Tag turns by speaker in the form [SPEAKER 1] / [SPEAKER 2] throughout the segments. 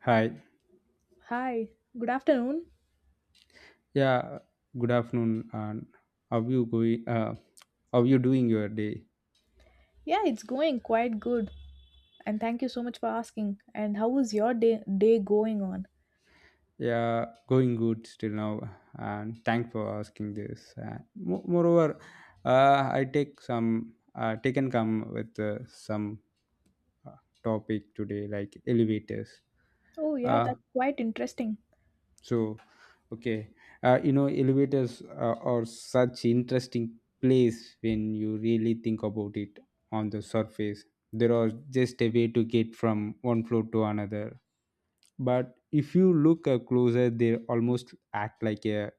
[SPEAKER 1] Hi.
[SPEAKER 2] Hi, good afternoon.
[SPEAKER 1] Yeah, good afternoon and how you going how you doing your day?
[SPEAKER 2] Yeah, it's going quite good. And thank you so much for asking. And how is your day going on?
[SPEAKER 1] Yeah, going good still now and thanks for asking this. And moreover, I take some taken come with some uh, topic today like elevators.
[SPEAKER 2] Oh yeah,
[SPEAKER 1] Uh,
[SPEAKER 2] that's quite interesting.
[SPEAKER 1] So, okay, elevators are such interesting place when you really think about it on the surface. There are just a way to get from one floor to another. But if you look closer, they almost act like a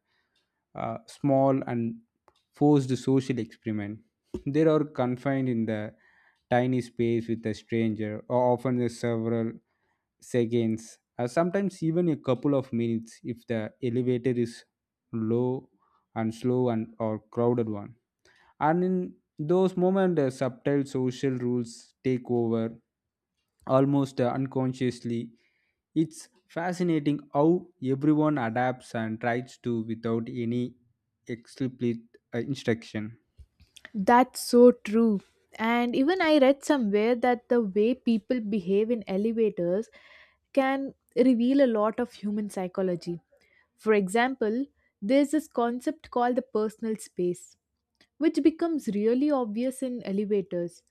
[SPEAKER 1] small and forced social experiment. They are confined in the tiny space with a stranger or often there's several seconds, or sometimes even a couple of minutes if the elevator is low and slow and or crowded one. And in those moments, the subtle social rules take over almost unconsciously. It's fascinating how everyone adapts and tries to without any explicit instruction.
[SPEAKER 2] That's so true. And even I read somewhere that the way people behave in elevators can reveal a lot of human psychology. For example, there's this concept called the personal space, which becomes really obvious in elevators.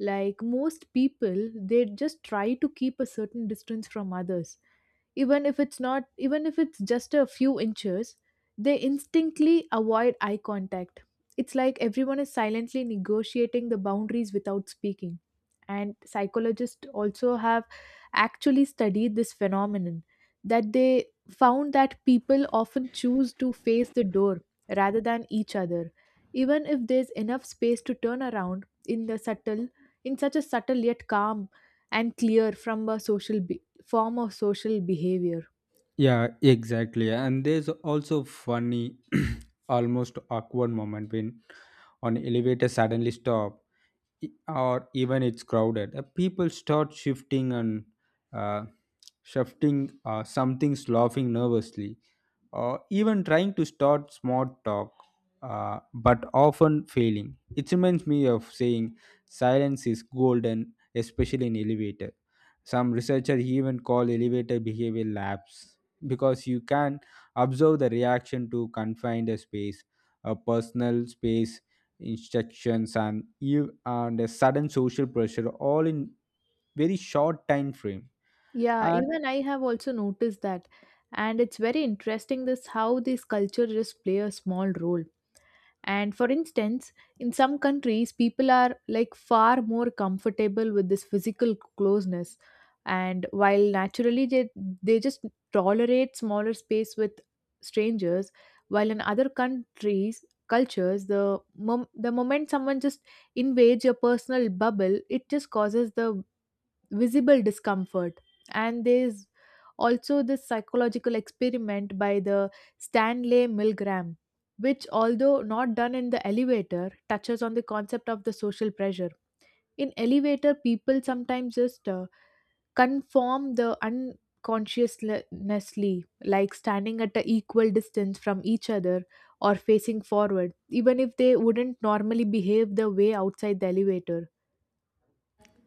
[SPEAKER 2] Like most people, they just try to keep a certain distance from others, even if it's not even if it's just a few inches, they instinctively avoid eye contact. It's like everyone is silently negotiating the boundaries without speaking. And psychologists also have actually studied this phenomenon, that they found that people often choose to face the door rather than each other, even if there's enough space to turn around, in the subtle in such a subtle yet calm and clear from a social form of social behavior.
[SPEAKER 1] Yeah, exactly. And there's also funny, almost awkward moment when an elevator suddenly stop, or even it's crowded. People start shifting and uh, shifting. Something's laughing nervously, or even trying to start small talk, but often failing. It reminds me of saying silence is golden, especially in elevator. Some researchers even call elevator behavior lapse because you can observe the reaction to confined a space, a personal space, instructions, and you and a sudden social pressure all in very short time frame.
[SPEAKER 2] Yeah,
[SPEAKER 1] And
[SPEAKER 2] even I have also noticed that. And it's very interesting, this how these cultures play a small role. And for instance, in some countries, people are like far more comfortable with this physical closeness. And while naturally they just tolerate smaller space with strangers, while in other countries, cultures, the moment someone just invades your personal bubble, it just causes the visible discomfort. And there's also this psychological experiment by the Stanley Milgram, which although not done in the elevator touches on the concept of the social pressure. In elevator, people sometimes just conform the unconsciously, like standing at an equal distance from each other or facing forward, even if they wouldn't normally behave the way outside the elevator.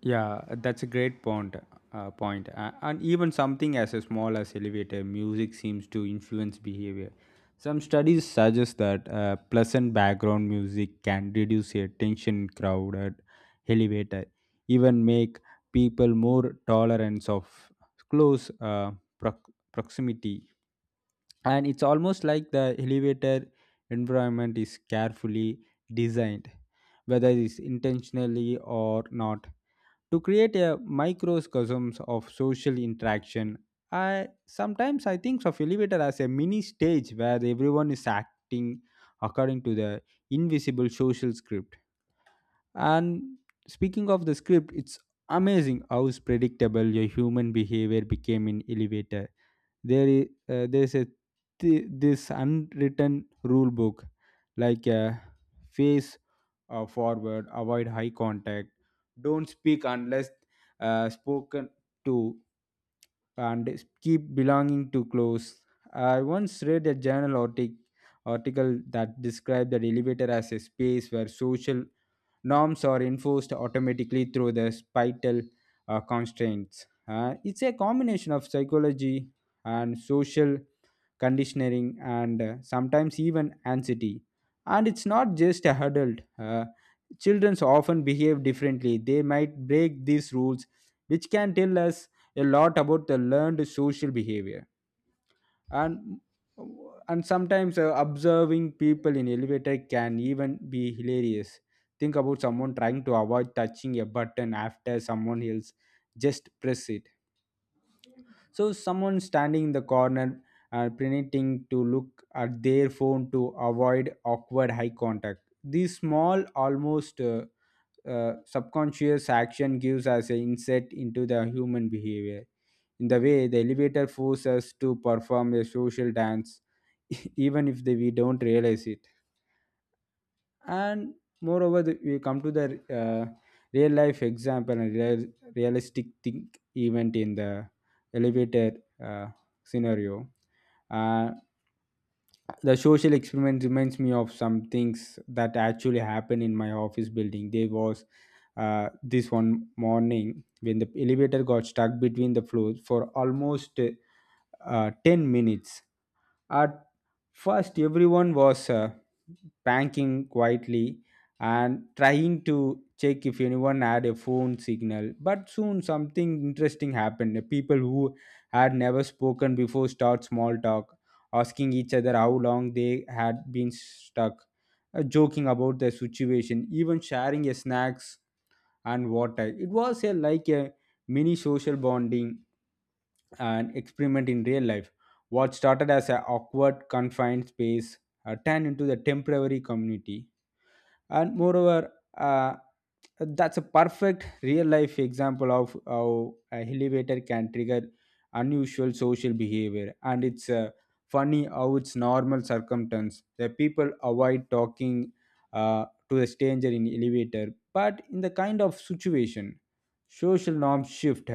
[SPEAKER 1] Yeah, that's a great point. And even something as small as elevator music seems to influence behavior. Some studies suggest that pleasant background music can reduce a tension in crowded elevator, even make people more tolerant of close proximity, and it's almost like the elevator environment is carefully designed, whether it's intentionally or not, to create a microcosm of social interaction. I sometimes i think of elevator as a mini stage where everyone is acting according to the invisible social script. And speaking of the script, it's amazing how predictable your human behavior became in elevator. There's this unwritten rule book, like face forward, avoid high contact, don't speak unless spoken to, and keep belonging to close. I once read a journal article that described the elevator as a space where social norms are enforced automatically through the spital constraints. It's a combination of psychology and social conditioning, and sometimes even anxiety. And it's not just a adult. Children often behave differently. They might break these rules, which can tell us a lot about the learned social behavior. And and sometimes observing people in elevator can even be hilarious. Think about someone trying to avoid touching a button after someone else just press it, so someone standing in the corner and pretending to look at their phone to avoid awkward eye contact. This small, almost subconscious action gives us an insight into the human behavior. In the way, the elevator forces us to perform a social dance, even if they, we don't realize it. And moreover, we come to the real life example and realistic think event in the elevator uh, scenario. uh, the social experiment reminds me of some things that actually happened in my office building. There was this one morning when the elevator got stuck between the floors for almost 10 minutes at first. Everyone was pranking quietly and trying to check if anyone had a phone signal. But soon something interesting happened. The people who had never spoken before start small talk, asking each other how long they had been stuck, joking about their situation, even sharing a snacks and water. It was a like a mini social bonding and experiment in real life. What started as an awkward, confined space turned into the temporary community. And moreover, that's a perfect real life example of how a elevator can trigger unusual social behavior. And it's funny how it's normal circumstance the people avoid talking to a stranger in elevator, but in the kind of situation social norms shift.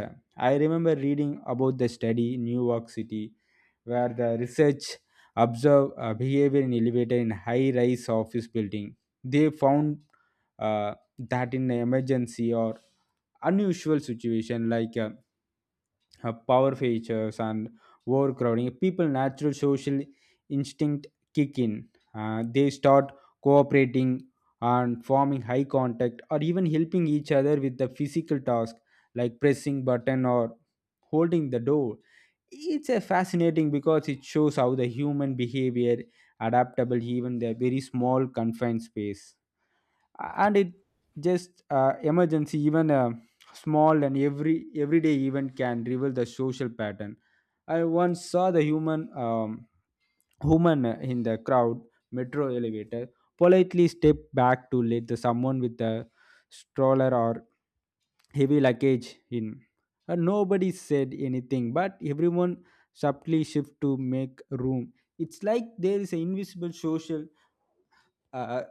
[SPEAKER 1] I remember reading about the study in New York City, where the research observed behavior in elevator in high rise office building. They found that in an emergency or unusual situation, like power failures and overcrowding, people natural social instinct kick in. They start cooperating and forming high contact or even helping each other with the physical task, like pressing button or holding the door. It's a fascinating because it shows how the human behavior adaptable even the very small confined space. And it just emergency even a small and everyday event can reveal the social pattern. I once saw the human woman in the crowd metro elevator politely step back to let the someone with a stroller or heavy luggage in, and nobody said anything but everyone subtly shift to make room. It's like there is an invisible social uh,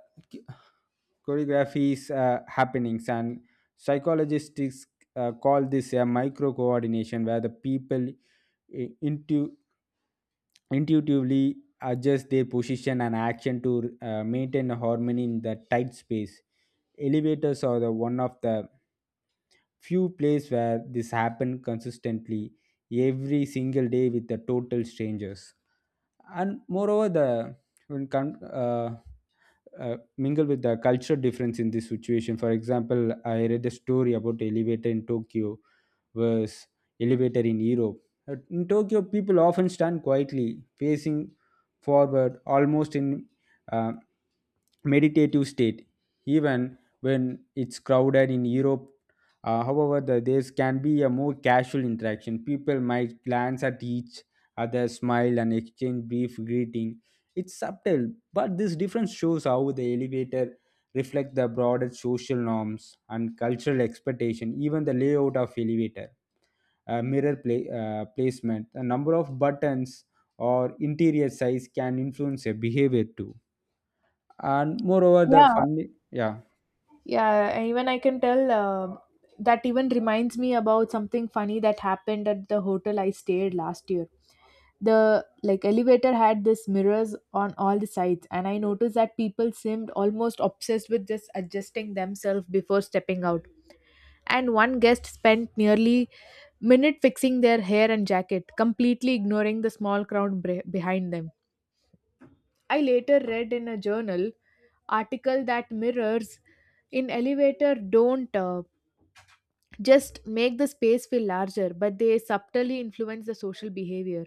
[SPEAKER 1] choreographies, happenings, and psychologists call this a micro coordination, where the people into intuitively adjust their position and action to maintain harmony in the tight space. Elevators are the one of the few places where this happened consistently every single day with the total strangers. And moreover, the when mingle with the cultural difference in this situation. For example, I read a story about elevator in Tokyo versus elevator in Europe. In Tokyo, people often stand quietly, facing forward, almost in uh, meditative state, even when it's crowded in Europe. However, there can be a more casual interaction. People might glance at each other, smile, and exchange brief greeting. It's subtle, but this difference shows how the elevator reflects the broader social norms and cultural expectation. Even the layout of elevator mirror play placement, the number of buttons, or interior size can influence your behavior too. And moreover, the
[SPEAKER 2] Yeah,
[SPEAKER 1] funny, yeah.
[SPEAKER 2] yeah, and even I can tell that even reminds me about something funny that happened at the hotel I stayed last year. The like elevator had this mirrors on all the sides, and I noticed that people seemed almost obsessed with just adjusting themselves before stepping out. And one guest spent nearly minute fixing their hair and jacket, completely ignoring the small crowd behind them. I later read in a journal article that mirrors in elevator don't just make the space feel larger, but they subtly influence the social behavior.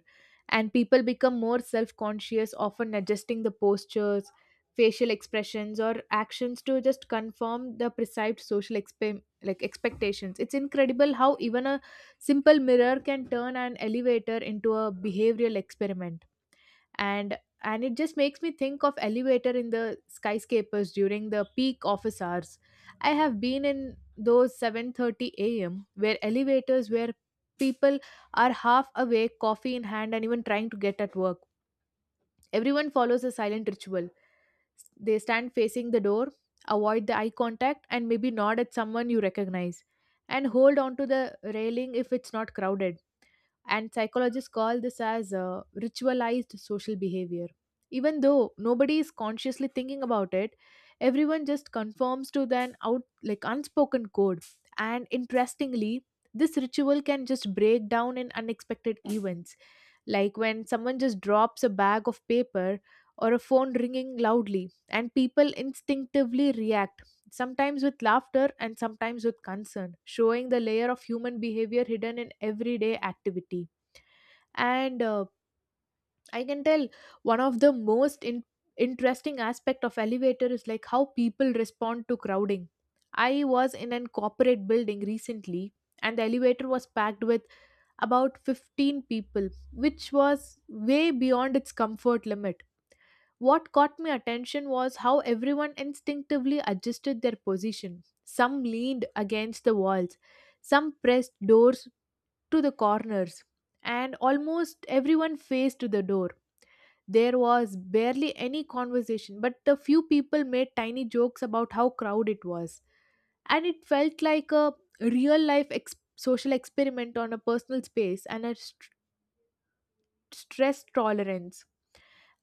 [SPEAKER 2] And people become more self-conscious, often adjusting the postures, facial expressions, or actions to just confirm the perceived social expe- like expectations. It's incredible how even a simple mirror can turn an elevator into a behavioral experiment. And it just makes me think of elevator in the skyscrapers during the peak office hours. I have been in those 7:30 a.m. where elevators, where people are half awake, coffee in hand, and even trying to get at work. Everyone follows a silent ritual. They stand facing the door, avoid the eye contact, and maybe nod at someone you recognize, and hold on to the railing if it's not crowded. And psychologists call this as ritualized social behavior. Even though nobody is consciously thinking about it, everyone just conforms to an out like unspoken code. And interestingly, this ritual can just break down in unexpected events, like when someone just drops a bag of paper or a phone ringing loudly, and people instinctively react, sometimes with laughter and sometimes with concern, showing the layer of human behavior hidden in everyday activity. And I can tell one of the most interesting aspect of elevator is like how people respond to crowding. I was in an corporate building recently, and the elevator was packed with about 15 people, which was way beyond its comfort limit. What caught my attention was how everyone instinctively adjusted their position. Some leaned against the walls, some pressed doors to the corners, and almost everyone faced to the door. There was barely any conversation, but the few people made tiny jokes about how crowded it was. And it felt like a real social experiment on a personal space and a stress tolerance.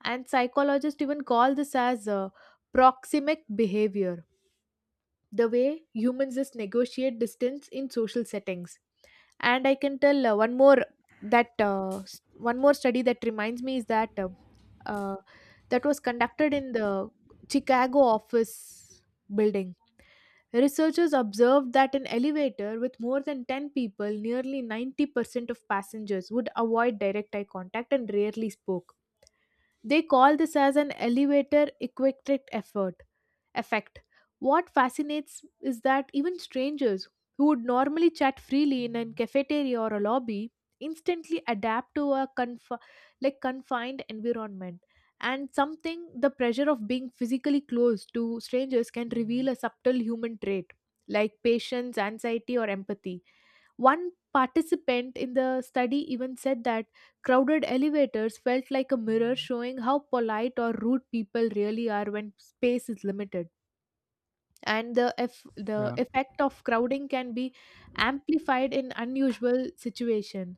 [SPEAKER 2] And psychologists even call this as proxemic behavior, the way humans just negotiate distance in social settings. And I can tell one more, one more study that reminds me is uh, that was conducted in the Chicago office building. Researchers observed that an elevator with more than 10 people, nearly 90% of passengers would avoid direct eye contact and rarely spoke. They call this as an elevator equipment effort effect. What fascinates is that even strangers who would normally chat freely in a cafeteria or a lobby instantly adapt to a confined environment. And something the pressure of being physically close to strangers can reveal a subtle human trait, like patience, anxiety, or empathy. One participant in the study even said that crowded elevators felt like a mirror showing how polite or rude people really are when space is limited. And the
[SPEAKER 1] Yeah.
[SPEAKER 2] effect of crowding can be amplified in unusual situation.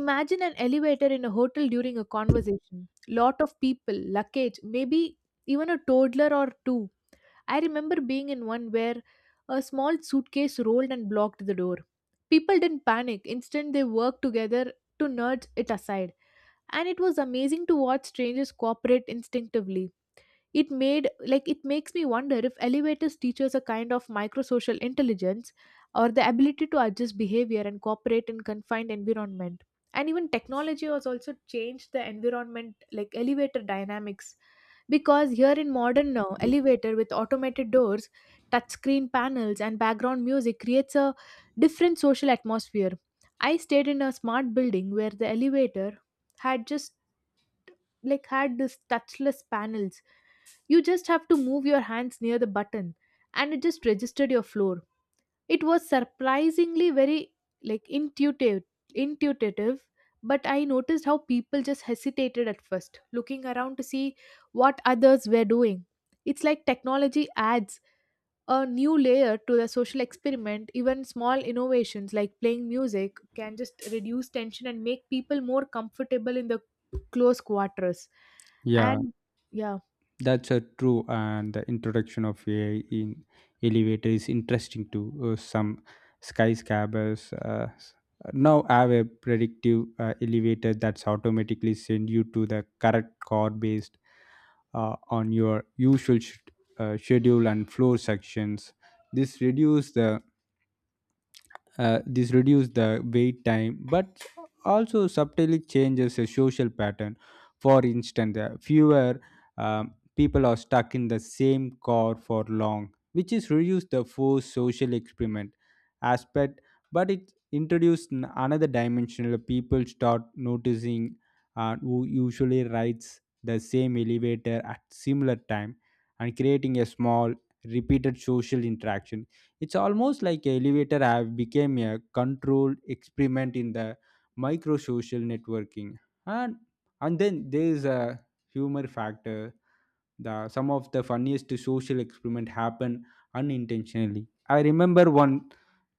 [SPEAKER 2] Imagine an elevator in a hotel during a conversation, lot of people, luggage, maybe even a toddler or two. I remember being in one where a small suitcase rolled and blocked the door. People didn't panic. Instead, they worked together to nudge it aside, and it was amazing to watch strangers cooperate instinctively. It made like it makes me wonder if elevators teaches a kind of microsocial intelligence, or the ability to adjust behavior and cooperate in confined environment. And even technology has also changed the environment, like elevator dynamics, because here in modern now elevator with automated doors, touchscreen panels, and background music creates a different social atmosphere. I stayed in a smart building where the elevator had just like had this touchless panels. You just have to move your hands near the button, and it just registered your floor. It was surprisingly very like intuitive. But I noticed how people just hesitated at first, looking around to see what others were doing. It's like technology adds a new layer to the social experiment. Even small innovations like playing music can just reduce tension and make people more comfortable in the close quarters.
[SPEAKER 1] Yeah,
[SPEAKER 2] And yeah.
[SPEAKER 1] that's a true. And the introduction of AI in elevator is interesting. To some skyscrapers now have a predictive elevator that's automatically send you to the correct car based on your usual schedule and floor sections. This reduce the this reduces the wait time, but also subtly changes the social pattern. For instance, fewer people are stuck in the same car for long, which is reduce the forced social experiment aspect, but it introduced another dimension. People start noticing who usually rides the same elevator at similar time and creating a small repeated social interaction. It's almost like elevator have became a controlled experiment in the micro social networking. And and then there is a humor factor. The some of the funniest social experiment happen unintentionally. I remember one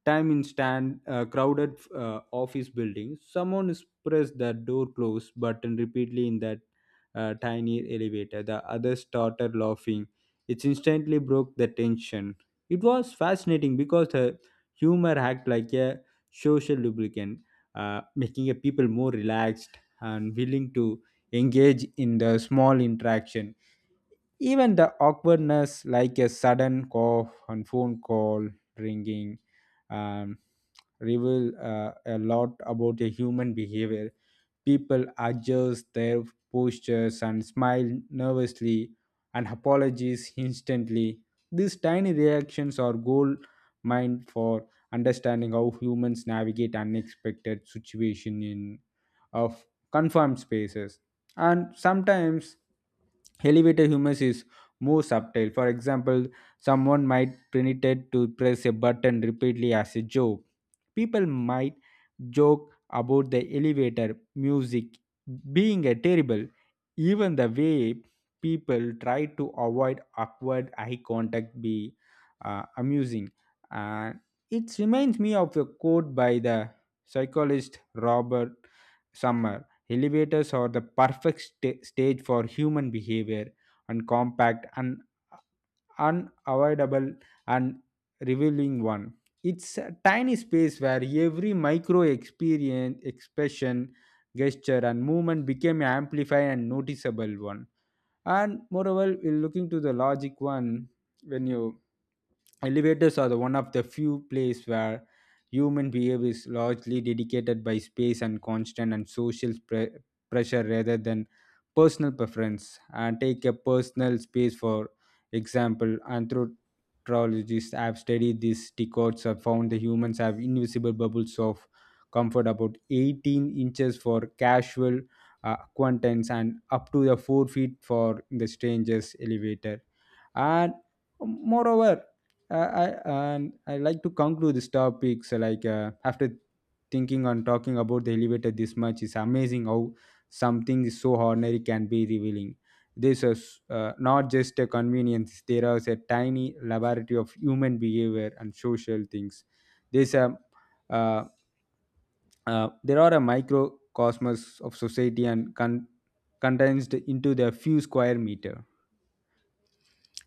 [SPEAKER 1] time in stand crowded office building someone is pressed the door close button repeatedly in that tiny elevator. The others started laughing. It instantly broke the tension. It was fascinating because the humor act like a social lubricant, making a people more relaxed and willing to engage in the small interaction. Even the awkwardness, like a sudden cough on phone call ringing, um, reveal a lot about a human behavior. People adjust their postures and smile nervously and apologize instantly. These tiny reactions are gold mine for understanding how humans navigate unexpected situation in of confined spaces. And sometimes elevator humor is more subtle. For example, someone might pretend to press a button repeatedly as a joke. People might joke about the elevator music being a terrible. Even the way people try to avoid awkward eye contact be amusing. And it reminds me of a quote by the psychologist Robert Summer: elevators are the perfect stage for human behavior, and compact and unavoidable and revealing one. It's a tiny space where every micro experience, expression, gesture, and movement became amplified and noticeable one. And moreover, we're looking to the logic one. When you Elevators are the one of the few place where human behavior is largely dedicated by space and constant and social pressure rather than personal preference. And take a personal space for example. Anthropologists have studied these decodes have found the humans have invisible bubbles of comfort, about 18 inches for casual acquaintance and up to the 4 feet for the strangers elevator. And moreover, and I like to conclude this topic. So like after thinking on talking about the elevator this much is amazing how something is so ordinary can be revealing. This is not just a convenience. There is a tiny laboratory of human behavior and social things. there's a uh, there are a microcosmos of society and condensed into the few square meter.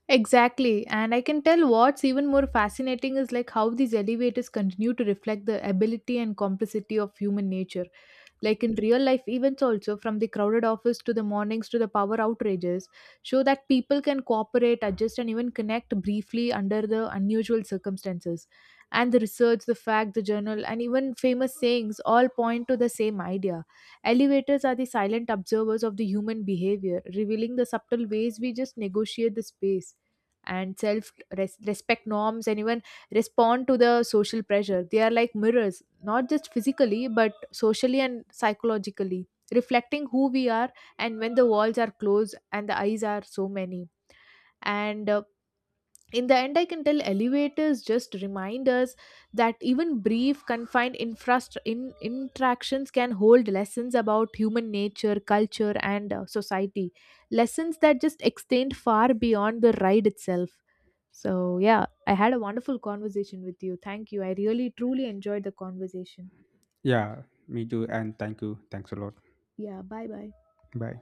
[SPEAKER 2] Exactly. And I can tell what's even more fascinating is like how these elevators continue to reflect the ability and complexity of human nature. Like in real life events also, from the crowded office to the mornings to the power outrages, show that people can cooperate, adjust, and even connect briefly under the unusual circumstances. And the research, the fact, the journal, and even famous sayings all point to the same idea. Elevators are the silent observers of the human behavior, revealing the subtle ways we just negotiate the space and respect norms and even respond to the social pressure. They are like mirrors, not just physically but socially and psychologically, reflecting who we are. And when the walls are closed and the eyes are so many, and in the end, I can tell elevators just remind us that even brief confined interactions can hold lessons about human nature, culture, and society, lessons that just extend far beyond the ride itself. So yeah, I had a wonderful conversation with you. Thank you. I really truly enjoyed the conversation.
[SPEAKER 1] Yeah, me too. And thank you. Thanks a lot.
[SPEAKER 2] Yeah, bye bye.
[SPEAKER 1] Bye.